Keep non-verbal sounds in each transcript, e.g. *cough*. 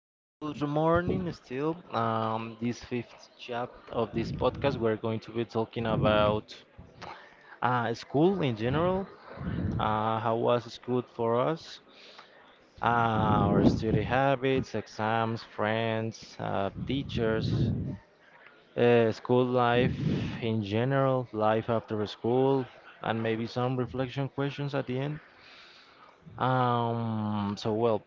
good morning still. This fifth chapter of this podcast, we're going to be talking about school in general. How was school for us? Our study habits, exams, friends, teachers, school life in general, life after school, and maybe some reflection questions at the end. Um, so well,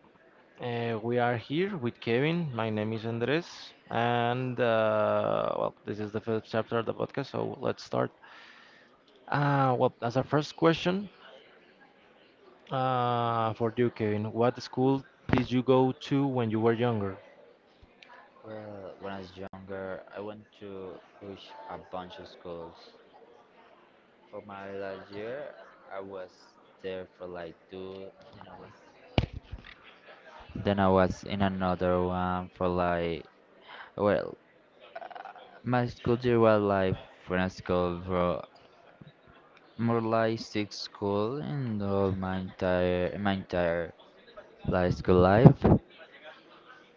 We are here with Kevin. My name is Andres, and this is the first chapter of the podcast, so let's start. As a first question for you, Kevin, what school did you go to when you were younger? Well, when I was younger, I went to push a bunch of schools. For my last year, I was there for like two, then I was then I was in another one for like well, uh, my school year was like when I school for more like six school in all my entire like school life.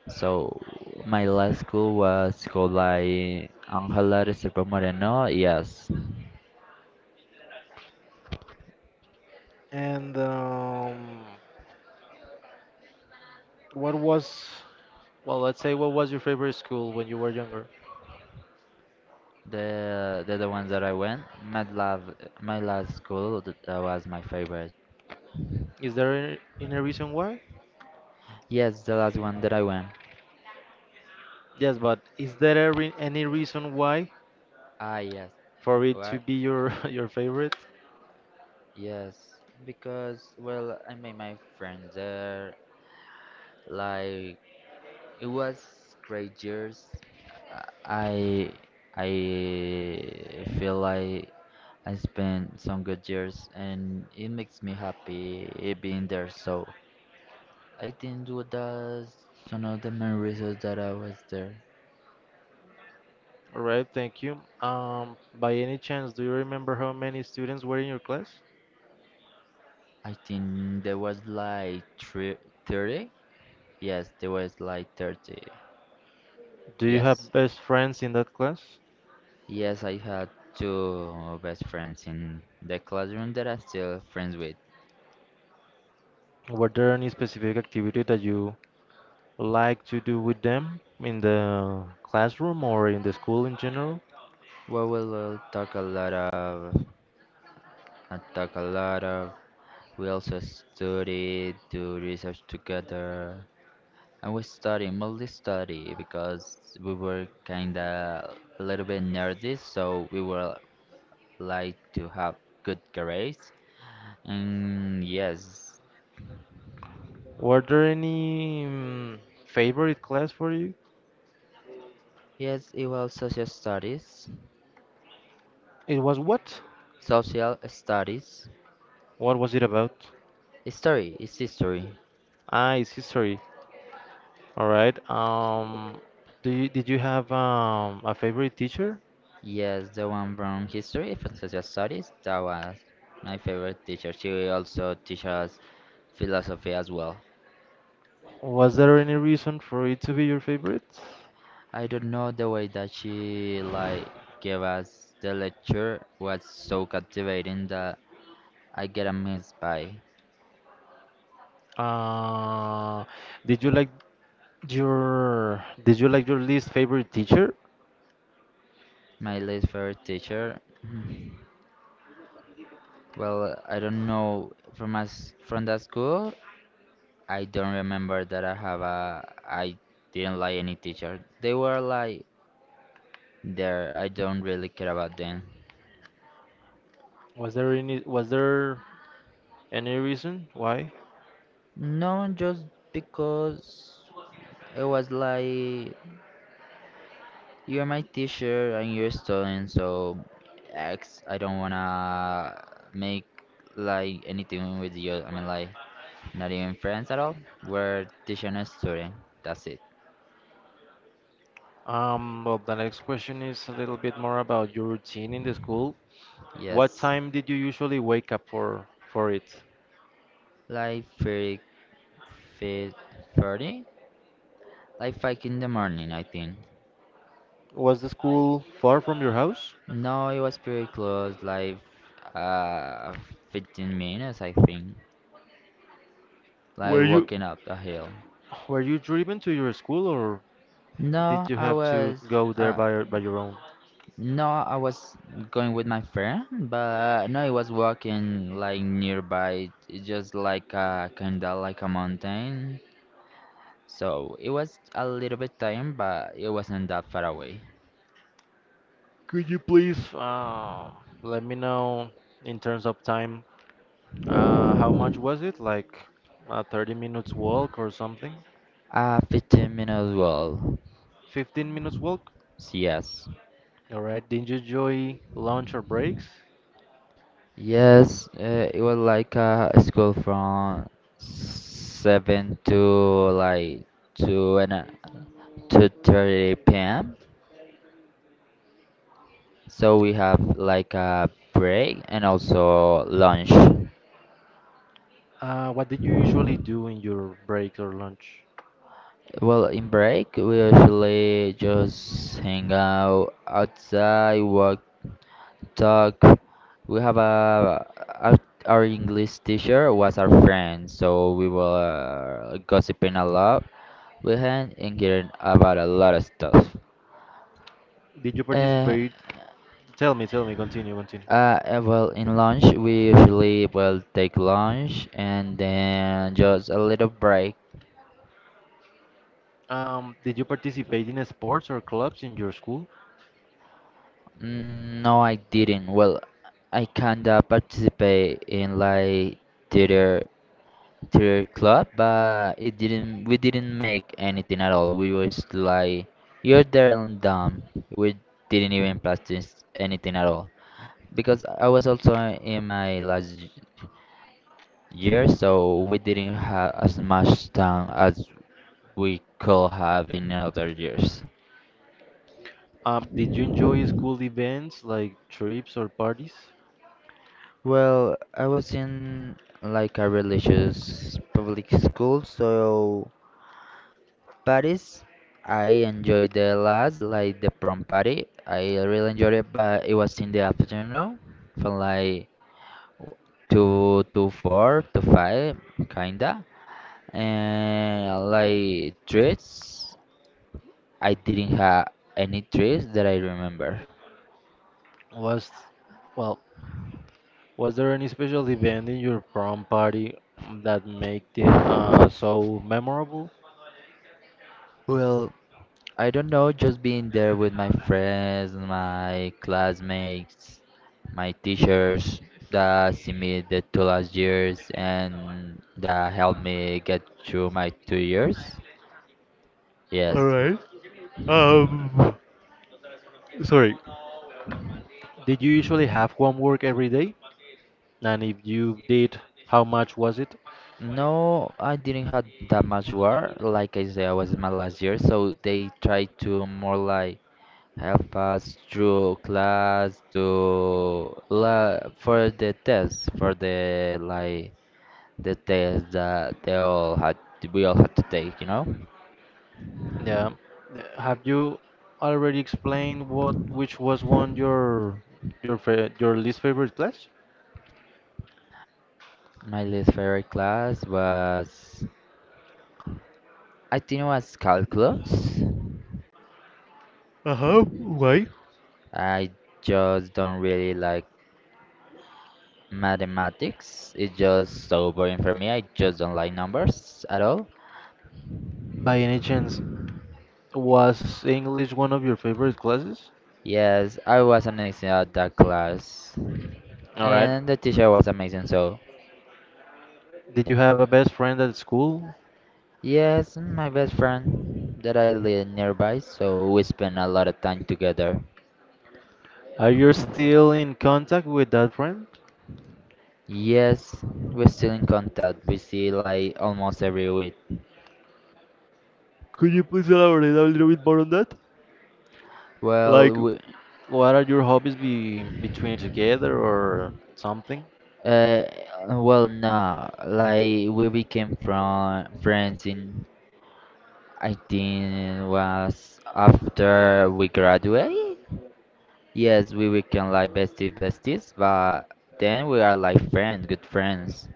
So my last school was called by Angela Restrepo Moreno. Yes, And what was Well, let's say, what was your favorite school when you were younger? the ones that I went. My love, my last school that was my favorite. Is there any reason why? Yes, the last one that I went. Yes, but is there any reason why Ah, yes, for it to what? be your *laughs* your favorite? Yes, because, well, I made my friends there. Like it was great years. I I feel like I spent some good years and it makes me happy it being there. So I think that's one of the main reasons that I was there. All right, thank you. By any chance, do you remember how many students were in your class? I think there was like three, 30? Yes, there was like 30. Do you Yes. have best friends in that class? Yes, I had two best friends in the classroom that I'm still friends with. Were there any specific activity that you like to do with them in the classroom or in the school in general? Well, we will talk a lot of, I talk a lot of. We also studied, do research together. And we study multi-study because we were kinda a little bit nerdy, so we were like to have good grades. And yes, Were there any favorite class for you? yes, it was It was what? social studies, What was it about? history, it's history. Ah, it's history. All right. Did you have a favorite teacher? Yes, the one from history, from social studies. That was my favorite teacher. She also teaches philosophy as well. Was there any reason for it to be your favorite? I don't know, the way that she like gave us the lecture was so captivating that I get amazed by Uh, did you like your least favorite teacher? my least favorite teacher. *laughs* Well, I don't know, from us from that school. I don't remember that I have a I didn't like any teacher. They were like there. I don't really care about them. Was there any reason why? No, just because it was like, you're my teacher and you're a student, so X, I don't wanna make like anything with you. I mean, like, not even friends at all. We're teacher and student. That's it. Well, the next question is a little bit more about your routine in the school. What Yes. time did you usually wake up for it? Like, three, fit 30? Like, 5 in the morning, I think. Was the school far from your house? No, it was pretty close, like, uh, 15 minutes, I think. Like, Were you walking up the hill. were you driven to your school or did No, you I have to was. go there Uh, by your own? No, I was going with my friend, but no, I was walking like nearby, it's just like a kinda like a mountain. So it was a little bit time, but it wasn't that far away. Could you please let me know in terms of time how much was it? Like a 30 minutes walk or something? A 15-minute walk. 15 minutes walk? So yes. All right. Did you enjoy lunch or breaks? Yes, it was like a school from 7 to like 2 and a, 2:30 p.m. So we have like a break and also lunch. What did you usually do in your breaks or lunch? Well, in break, we usually just hang out outside, walk, talk. We have a our, our English teacher was our friend, so we were gossiping a lot with him and hearing about a lot of stuff. Did you Uh, participate? Tell me, continue. well, in lunch, we usually will take lunch and then just a little break. Did you participate in sports or clubs in your school? Mm, no, I didn't. Well, I kinda participate in like theater theater club, but it didn't. We didn't make anything at all. We was like, you're there and done. We didn't even practice anything at all because I was also in my last year, so we didn't have as much time as we could have in other years. Did you enjoy school events like trips or parties? Well, I was in like a religious public school, so parties I enjoyed the last, like the prom party. I really enjoyed it, but it was in the afternoon, from like two to four to five, kinda. And like treats, I didn't have any treats that I remember. Was, well, was there any special event in your prom party that made it so memorable? Well, I don't know, just being there with my friends, my classmates, my teachers that see me the two last years and that helped me get through my 2 years. All Yes. right. Sorry. Did you usually have homework every day? And if you did, how much was it? No, I didn't have that much work. Like I said, I was in my last year, so they tried to more like help us through class to la for the test for the test that they all had we all had to take. Yeah. Have you already explained what which was one your fa your least favorite class? My least favorite class was, I think it was calculus. Uh huh. Why? I just don't really like mathematics, it's just so boring for me, I just don't like numbers at all. By any chance, was English one of your favorite classes? Yes, I was amazing at that class, All right. and the teacher was amazing, so. Did you have a best friend at school? Yes, and my best friend that I live nearby, so we spend a lot of time together. Are you still in contact with that friend? Yes, we're still in contact. We see like almost every week. Could you please elaborate a little bit more on that? Well, Like, we, what are your hobbies be between together or something? uh, well, no, like we became from friends in, I think it was after we graduate. Yes, we became like besties, but then we are like friends, good friends.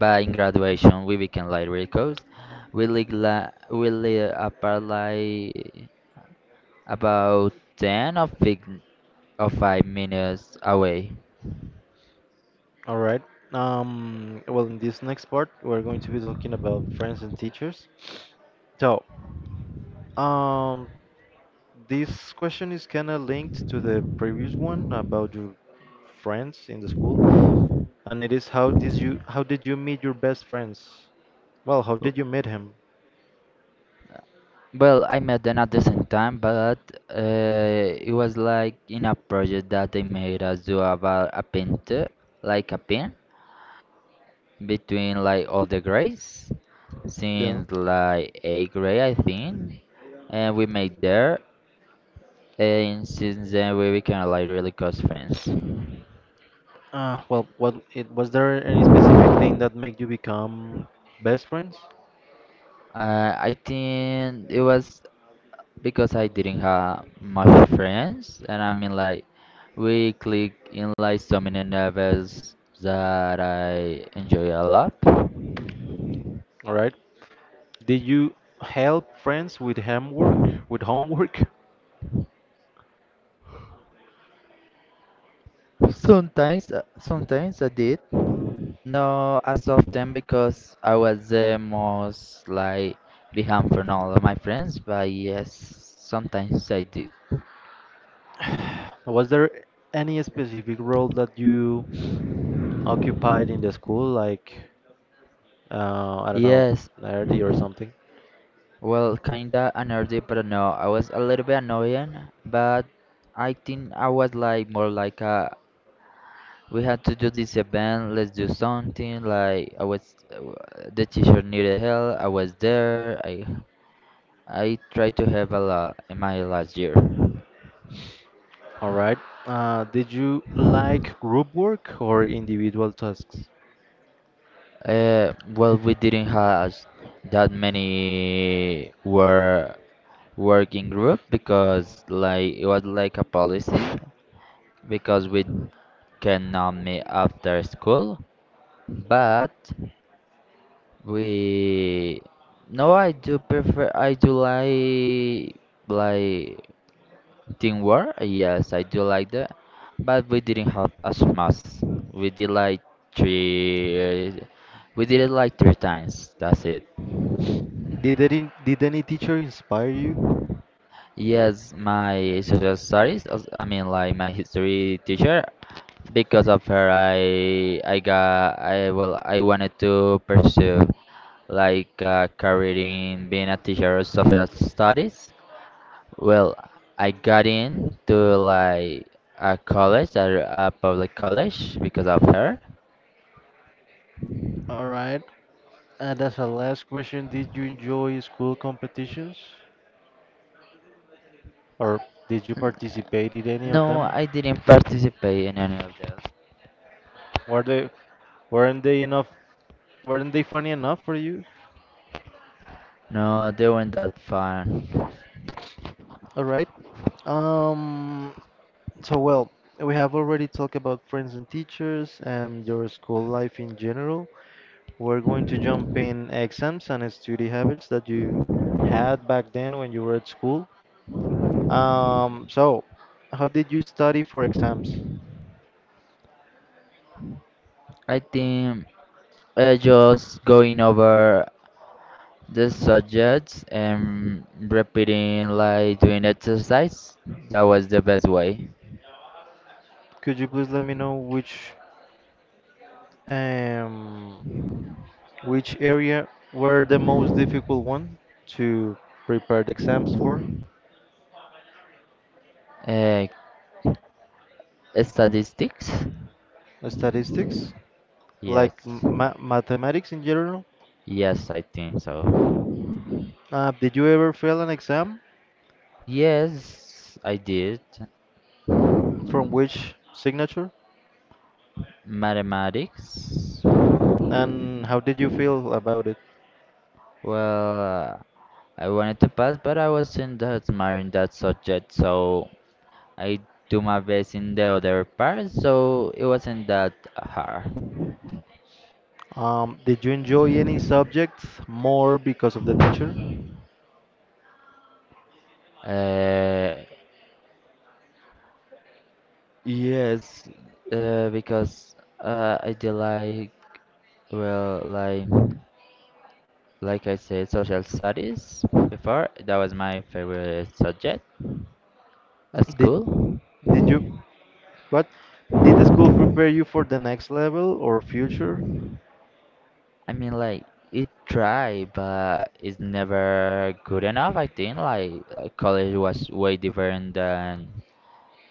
But in graduation, we became like radicals. We lived, we lived apart like about 10 or five or 5 minutes away. All right. Well, in this next part, we're going to be talking about friends and teachers. So, um, this question is kind of linked to the previous one about your friends in the school, and it is how did you meet your best friends? Well, how W- did you meet him? Well, I met them at the same time, but it was like in a project that they made us do about a painter, like a pin, between like all the grades Yeah. since like eighth grade, I think, and we made there, and since then we became like really close friends. What it was there any specific thing that made you become best friends? I think it was because I didn't have much friends, and I mean like we click in like so many novels that I enjoy a lot. All right. Did you help friends with homework? With homework? Sometimes, I did. No, as often because I was the most like behind from all of my friends, but yes, sometimes I did. *laughs* Was there any specific role that you occupied in the school, like I don't know, Yes, nerdy or something? well, kinda annoyed, but no, I was a little bit annoying, but I think I was like more like we had to do this event, let's do something. Like I was, the teacher needed help. I was there. I tried to help a lot in my last year. All right. Did you like group work or individual tasks? Well, we didn't have that many working group because like it was like a policy because we cannot meet after school, but we no, I do prefer, I do like teamwork, yes, I do like that, but we didn't have as much. We did like three we did it like three times, that's it. Did any teacher inspire you? Yes, my social studies I mean like my history teacher, because of her I got I well I wanted to pursue like a career in being a teacher of social studies. Well, I got into like a college, a public college, because of her. All right. And as a last question, did you enjoy school competitions? Or did you N- participate in any of no them? I didn't participate in any of those. Were they weren't they enough weren't they funny enough for you? No, they weren't that fun. All right. Um, so, well, we have already talked about friends and teachers and your school life in general. We're going to jump in exams and study habits that you had back then when you were at school. So, how did you study for exams? I think, just going over the subjects and repeating like doing exercise. That was the best way. Could you please let me know um, which area were the most difficult one to prepare the exams for? Uh, Statistics? Statistics, like Yes. ma mathematics in general? Yes, I think so. Did you ever fail an exam? Yes, I did. From which signature? Mathematics? And how did you feel about it? Well, I wanted to pass, but I wasn't that smart in that subject, so I do my best in the other part, so it wasn't that hard. Did you enjoy any subjects more because of the teacher? Uh, Yes, because I did like, well, like I said, social studies before. That was my favorite subject at Did school. did you what? Did the school prepare you for the next level or future? I mean, like it tried, but it's never good enough. I think like college was way different than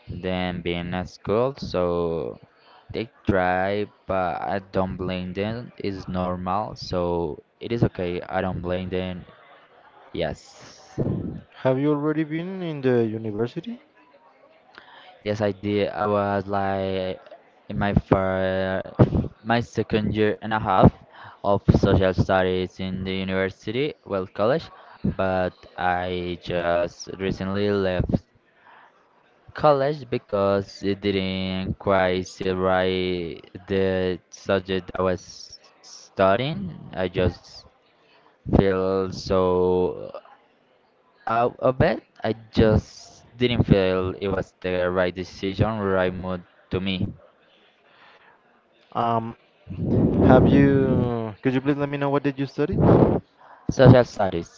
than being at school. So they try, but I don't blame them. It's normal, so it is okay. I don't blame them. Yes. Have you already been in the university? Yes, I did. I was like in my fir my second year and a half of social studies in the university, well, college, but I just recently left college because it didn't quite sit right the subject I was studying. I just feel so out of it. I just didn't feel it was the right decision, right mood to me. Um, have you? Could you please let me know what did you study? Social studies,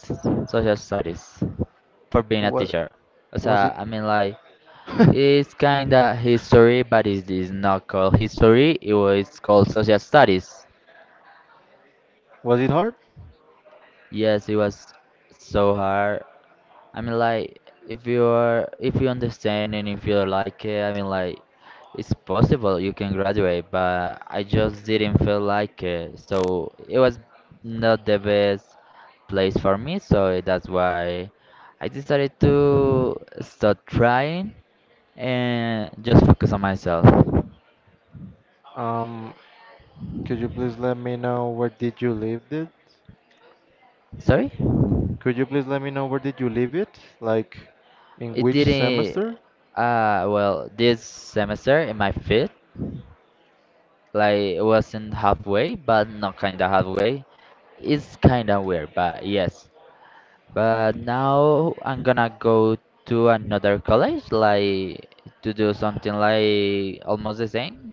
social studies, for being a What teacher. So was it? I mean, like *laughs* it's kinda history, but it is not called history. It was called social studies. Was it hard? Yes, it was so hard. I mean, like, if you understand and if you like it, I mean, like, it's possible you can graduate, but I just didn't feel like it. So it was not the best place for me, so that's why I decided to stop trying and just focus on myself. Um, could you please let me know where did you live it? Sorry? Could you please let me know where did you leave it? Like in It which didn't, semester? This semester in my fifth, like it wasn't halfway, but not kinda halfway. It's kinda weird, but yes. But now I'm gonna go to another college, like to do something like almost the same,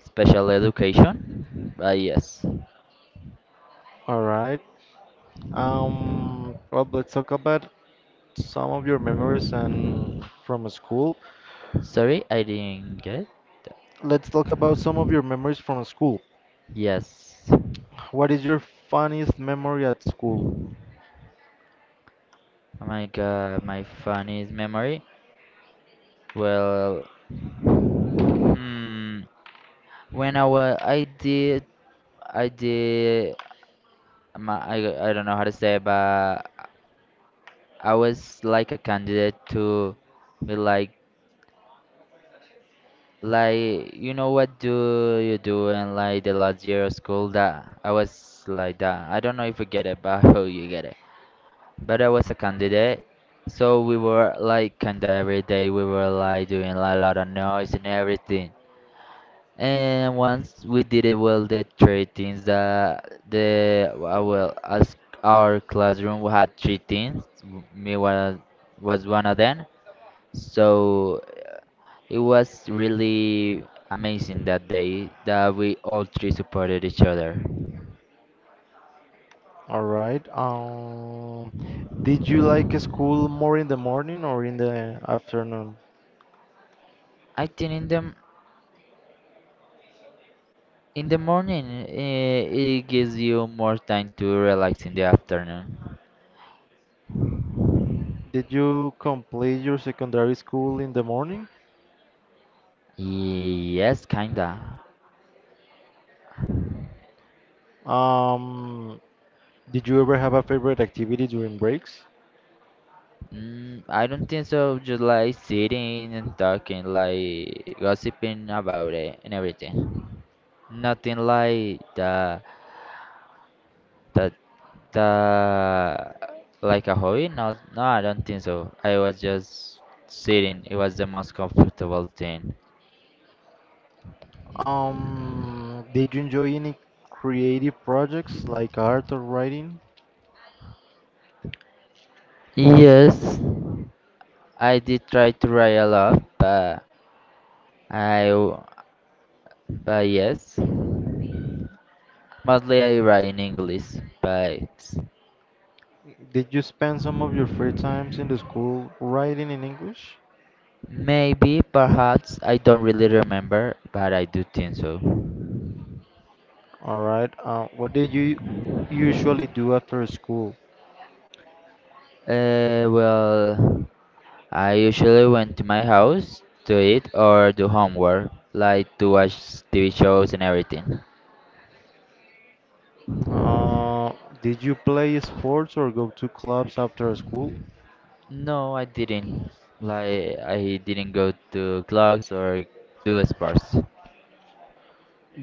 special education. But yes. All right. Well, let's talk about some of your memories and from school. Sorry, I didn't get. Let's talk about some of your memories from school. Yes. What is your funniest memory at school? Oh my god, my funniest memory. Well, hmm, when I was, I did, I don't know how to say, but I was like a candidate to be like you know what do you do in like the last year of school that I was like that. I don't know if you get it, but *laughs* I hope you get it. But I was a candidate, so we were like kinda every day we were like doing like, a lot of noise and everything. And once we did it, well, the three things that the as our classroom had three things. Me was one of them. So it was really amazing that day that we all three supported each other. All right. Did you like school more in the morning or in the afternoon? I think in the morning it gives you more time to relax in the afternoon. Did you complete your secondary school in the morning? Yes, kinda. Um, did you ever have a favorite activity during breaks? I don't think so. Just like sitting and talking, like gossiping about it and everything. Nothing like the the like a hobby. No, no, I don't think so. I was just sitting. It was the most comfortable thing. Did you enjoy any creative projects like art or writing? Yes, I did try to write a lot, but I w- but yes, mostly I write in English, but. Did you spend some of your free times in the school writing in English? Maybe, perhaps, I don't really remember, but I do think so. All right. What did you usually do after school? Well, I usually went to my house to eat or do homework, like to watch TV shows and everything. Uh, did you play sports or go to clubs after school? No, I didn't. Like, I didn't go to clubs or do sports.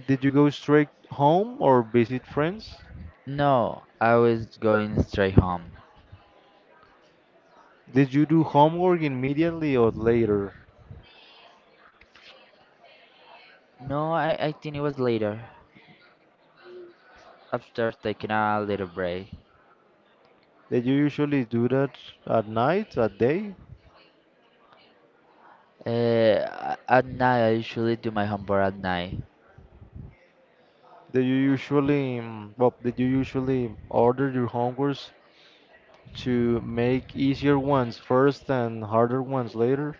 Did you go straight home or visit friends? No, I was going straight home. Did you do homework immediately or later? No, I think it was later, after taking a little break. Did you usually do that at night, at day? At night, I usually do my homework at night. Do you usually, did you usually order your homeworks to make easier ones first and harder ones later?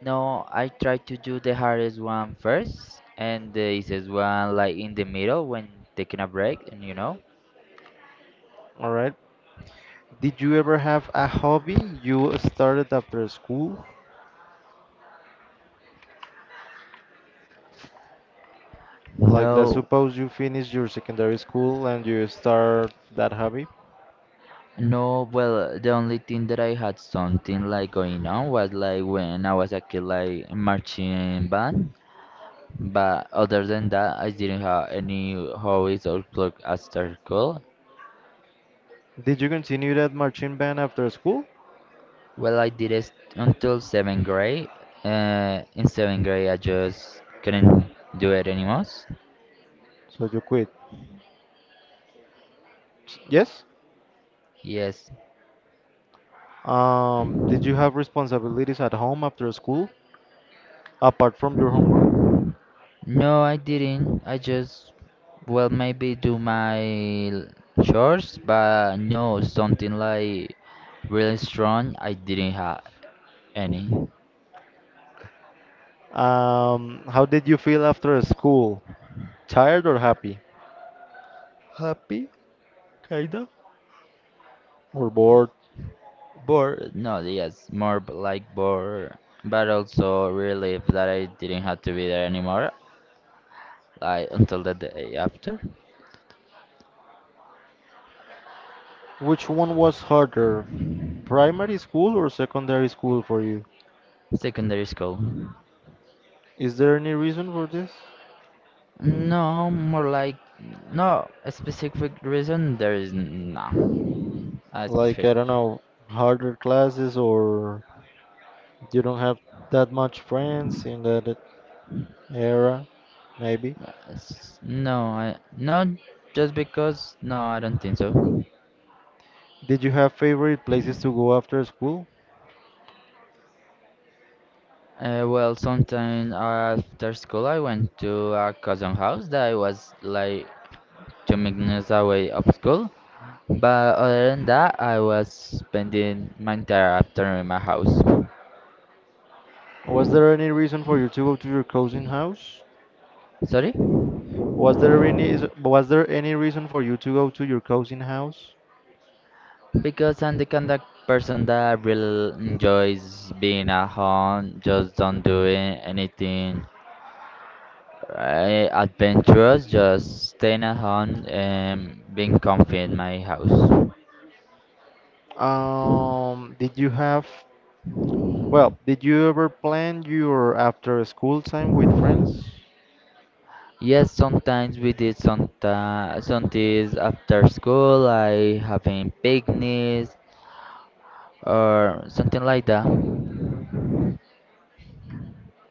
No, I try to do the hardest one first and the easiest one like in the middle when taking a break and. All right. Did you ever have a hobby you started after school? Like, let's No, suppose you finish your secondary school and you start that hobby. no, well, the only thing that I had something like going on was like when I was a kid like marching band. But other than that, I didn't have any hobbies or plug after school. Did you continue that marching band after school? Well, I did it until seventh grade. In seventh grade, I just couldn't do it anymore. So you quit. Yes. Yes, Did you have responsibilities at home after school, apart from your homework? no, I didn't. I just, well, maybe do my chores, but no, something like really strong, I didn't have any. How did you feel after school? Tired or happy? Happy? Or bored? Bored, no, yes, more like bored, but also relieved that I didn't have to be there anymore, like until the day after Which one was harder, primary school or secondary school for you? secondary school. Is there any reason for this? No, more like, no, a specific reason, there is no, a Like, specific. I don't know, harder classes or you don't have that much friends in that era, maybe? Yes. No, I not just because. No, I don't think so. Did you have favorite places to go after school? Well, sometime after school, I went to a cousin house that was like 2 minutes away of school. But other than that, I was spending my entire afternoon in my house. Was there any reason for you to go to your cousin house? Sorry? Was there any reason for you to go to your cousin house? Because I'm the kind of person that really enjoys being at home, just don't doing anything, right, adventurous, just staying at home and being comfy in my house. Did you have Well, did you ever plan your after school time with friends? Yes, sometimes we did some something after school, like having picnics or something like that.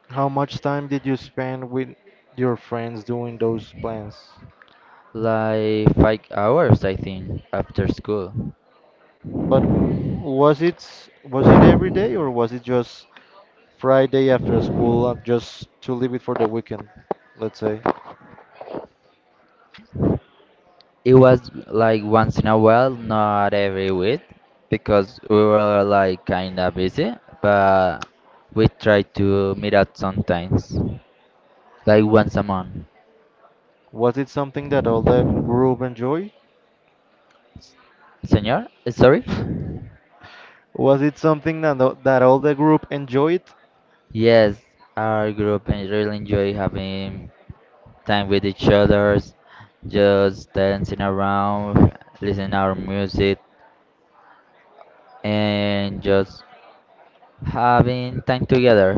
How much time did you spend with your friends doing those plans? Like 5 hours, I think, after school. But w- was it was it every day or was it just Friday after school, just to leave it for the weekend, let's say? It was like once in a while, not every week, because we were like kinda busy, but we tried to meet up sometimes, like once a month. Was it something that all the group enjoyed? Senor, sorry. *laughs* Was it something that that all the group enjoyed? Yes, our group really enjoy having time with each others, just dancing around, listening our music, and just having time together.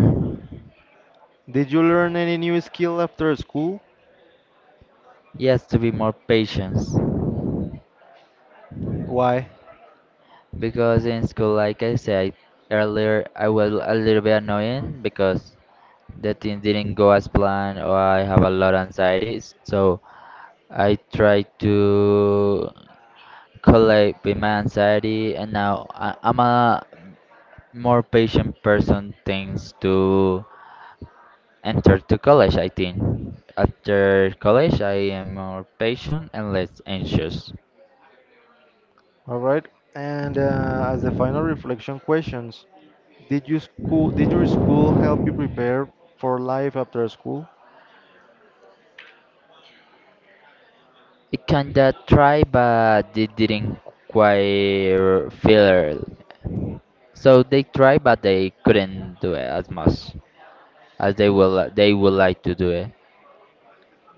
Did you learn any new skill after school? Yes, to be more patient, Why? because in school, like I said earlier, I was a little bit annoying because the things didn't go as planned, or I have a lot of anxieties. So I try to collate with my anxiety, and now I'm a more patient person. Thanks to enter to college, I think. After college, I am more patient and less anxious. All right. And as the final reflection questions, did your school help you prepare for life after school? It kinda tried, but they didn't quite feel it. So they tried, but they couldn't do it as much as they will. They would like to do it.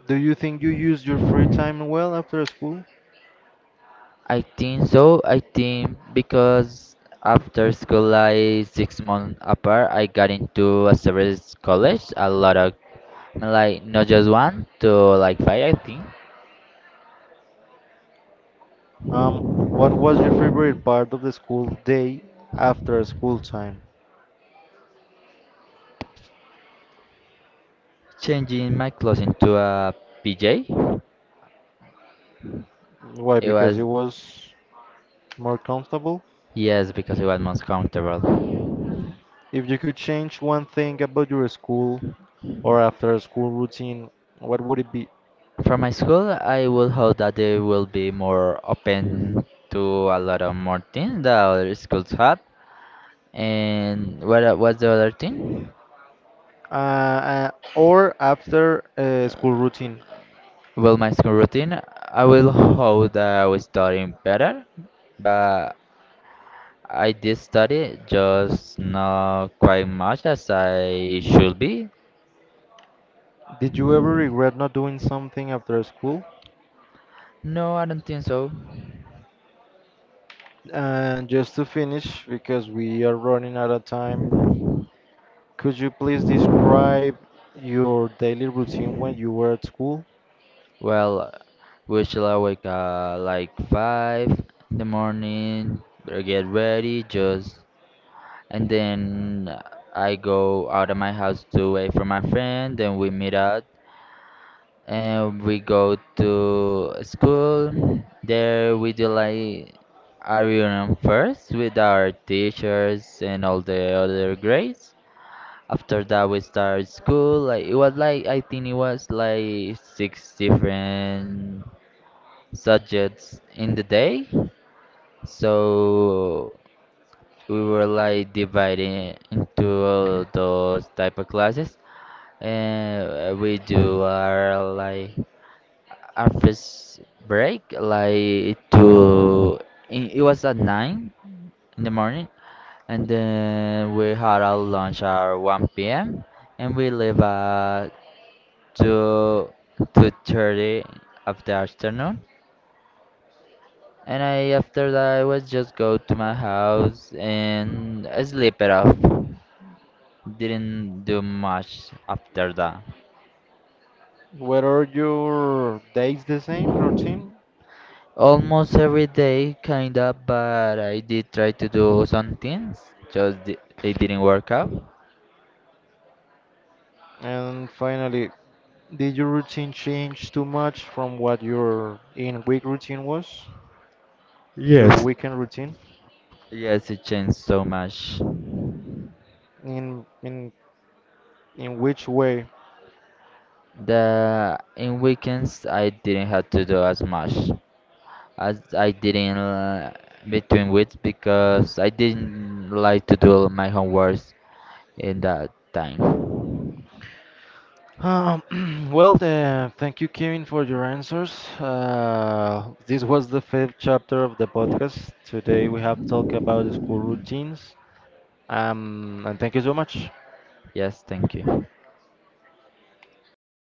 Do you think you used your free time well after school? I think so. I think because after school, like 6 months apart, I got into a service college. A lot of, like not just one, to like five, I think. What was your favorite part of the school day after school time? Changing my clothes into a PJ, Why? it Because it was, was more comfortable. yes, because it was most comfortable. If you could change one thing about your school or after school routine, what would it be? For my school, I would hope that they will be more open to a lot of more things that other schools have. And what was the other thing? Or after school routine. Well, my school routine, I will hope that I was studying better, but I did study, just not quite much as I should be. Did you ever regret not doing something after school? No, I don't think so. And just to finish, because we are running out of time, could you please describe your daily routine when you were at school? Well, we shall I wake up like 5 in the morning, get ready, just, and then I go out of my house to wait for my friend, then we meet up and we go to school. There we do like a reunion first with our teachers and all the other grades. After that, we start school. Like it was like I think it was like six different subjects in the day, so we were like divided into all those type of classes. And we do our like our first break like to in, it was at 9 in the morning, and then we had our lunch at 1 p.m. and we leave at 2 2:30 of the afternoon, and I after that I was just go to my house and I sleep it off, didn't do much after that. Were all your days the same routine? Almost every day, kinda, but I did try to do some things, just they didn't work out. And finally, did your routine change too much from what your in week routine was? Your Yes. weekend routine? Yes, it changed so much. In in in which way? The in weekends I didn't have to do as much as I didn't between weeks because I didn't like to do my homework in that time. Um, *clears throat* well, thank you, Kevin, for your answers. This was the fifth chapter of the podcast. Today we have talked about the school routines. And thank you so much. Yes, thank you.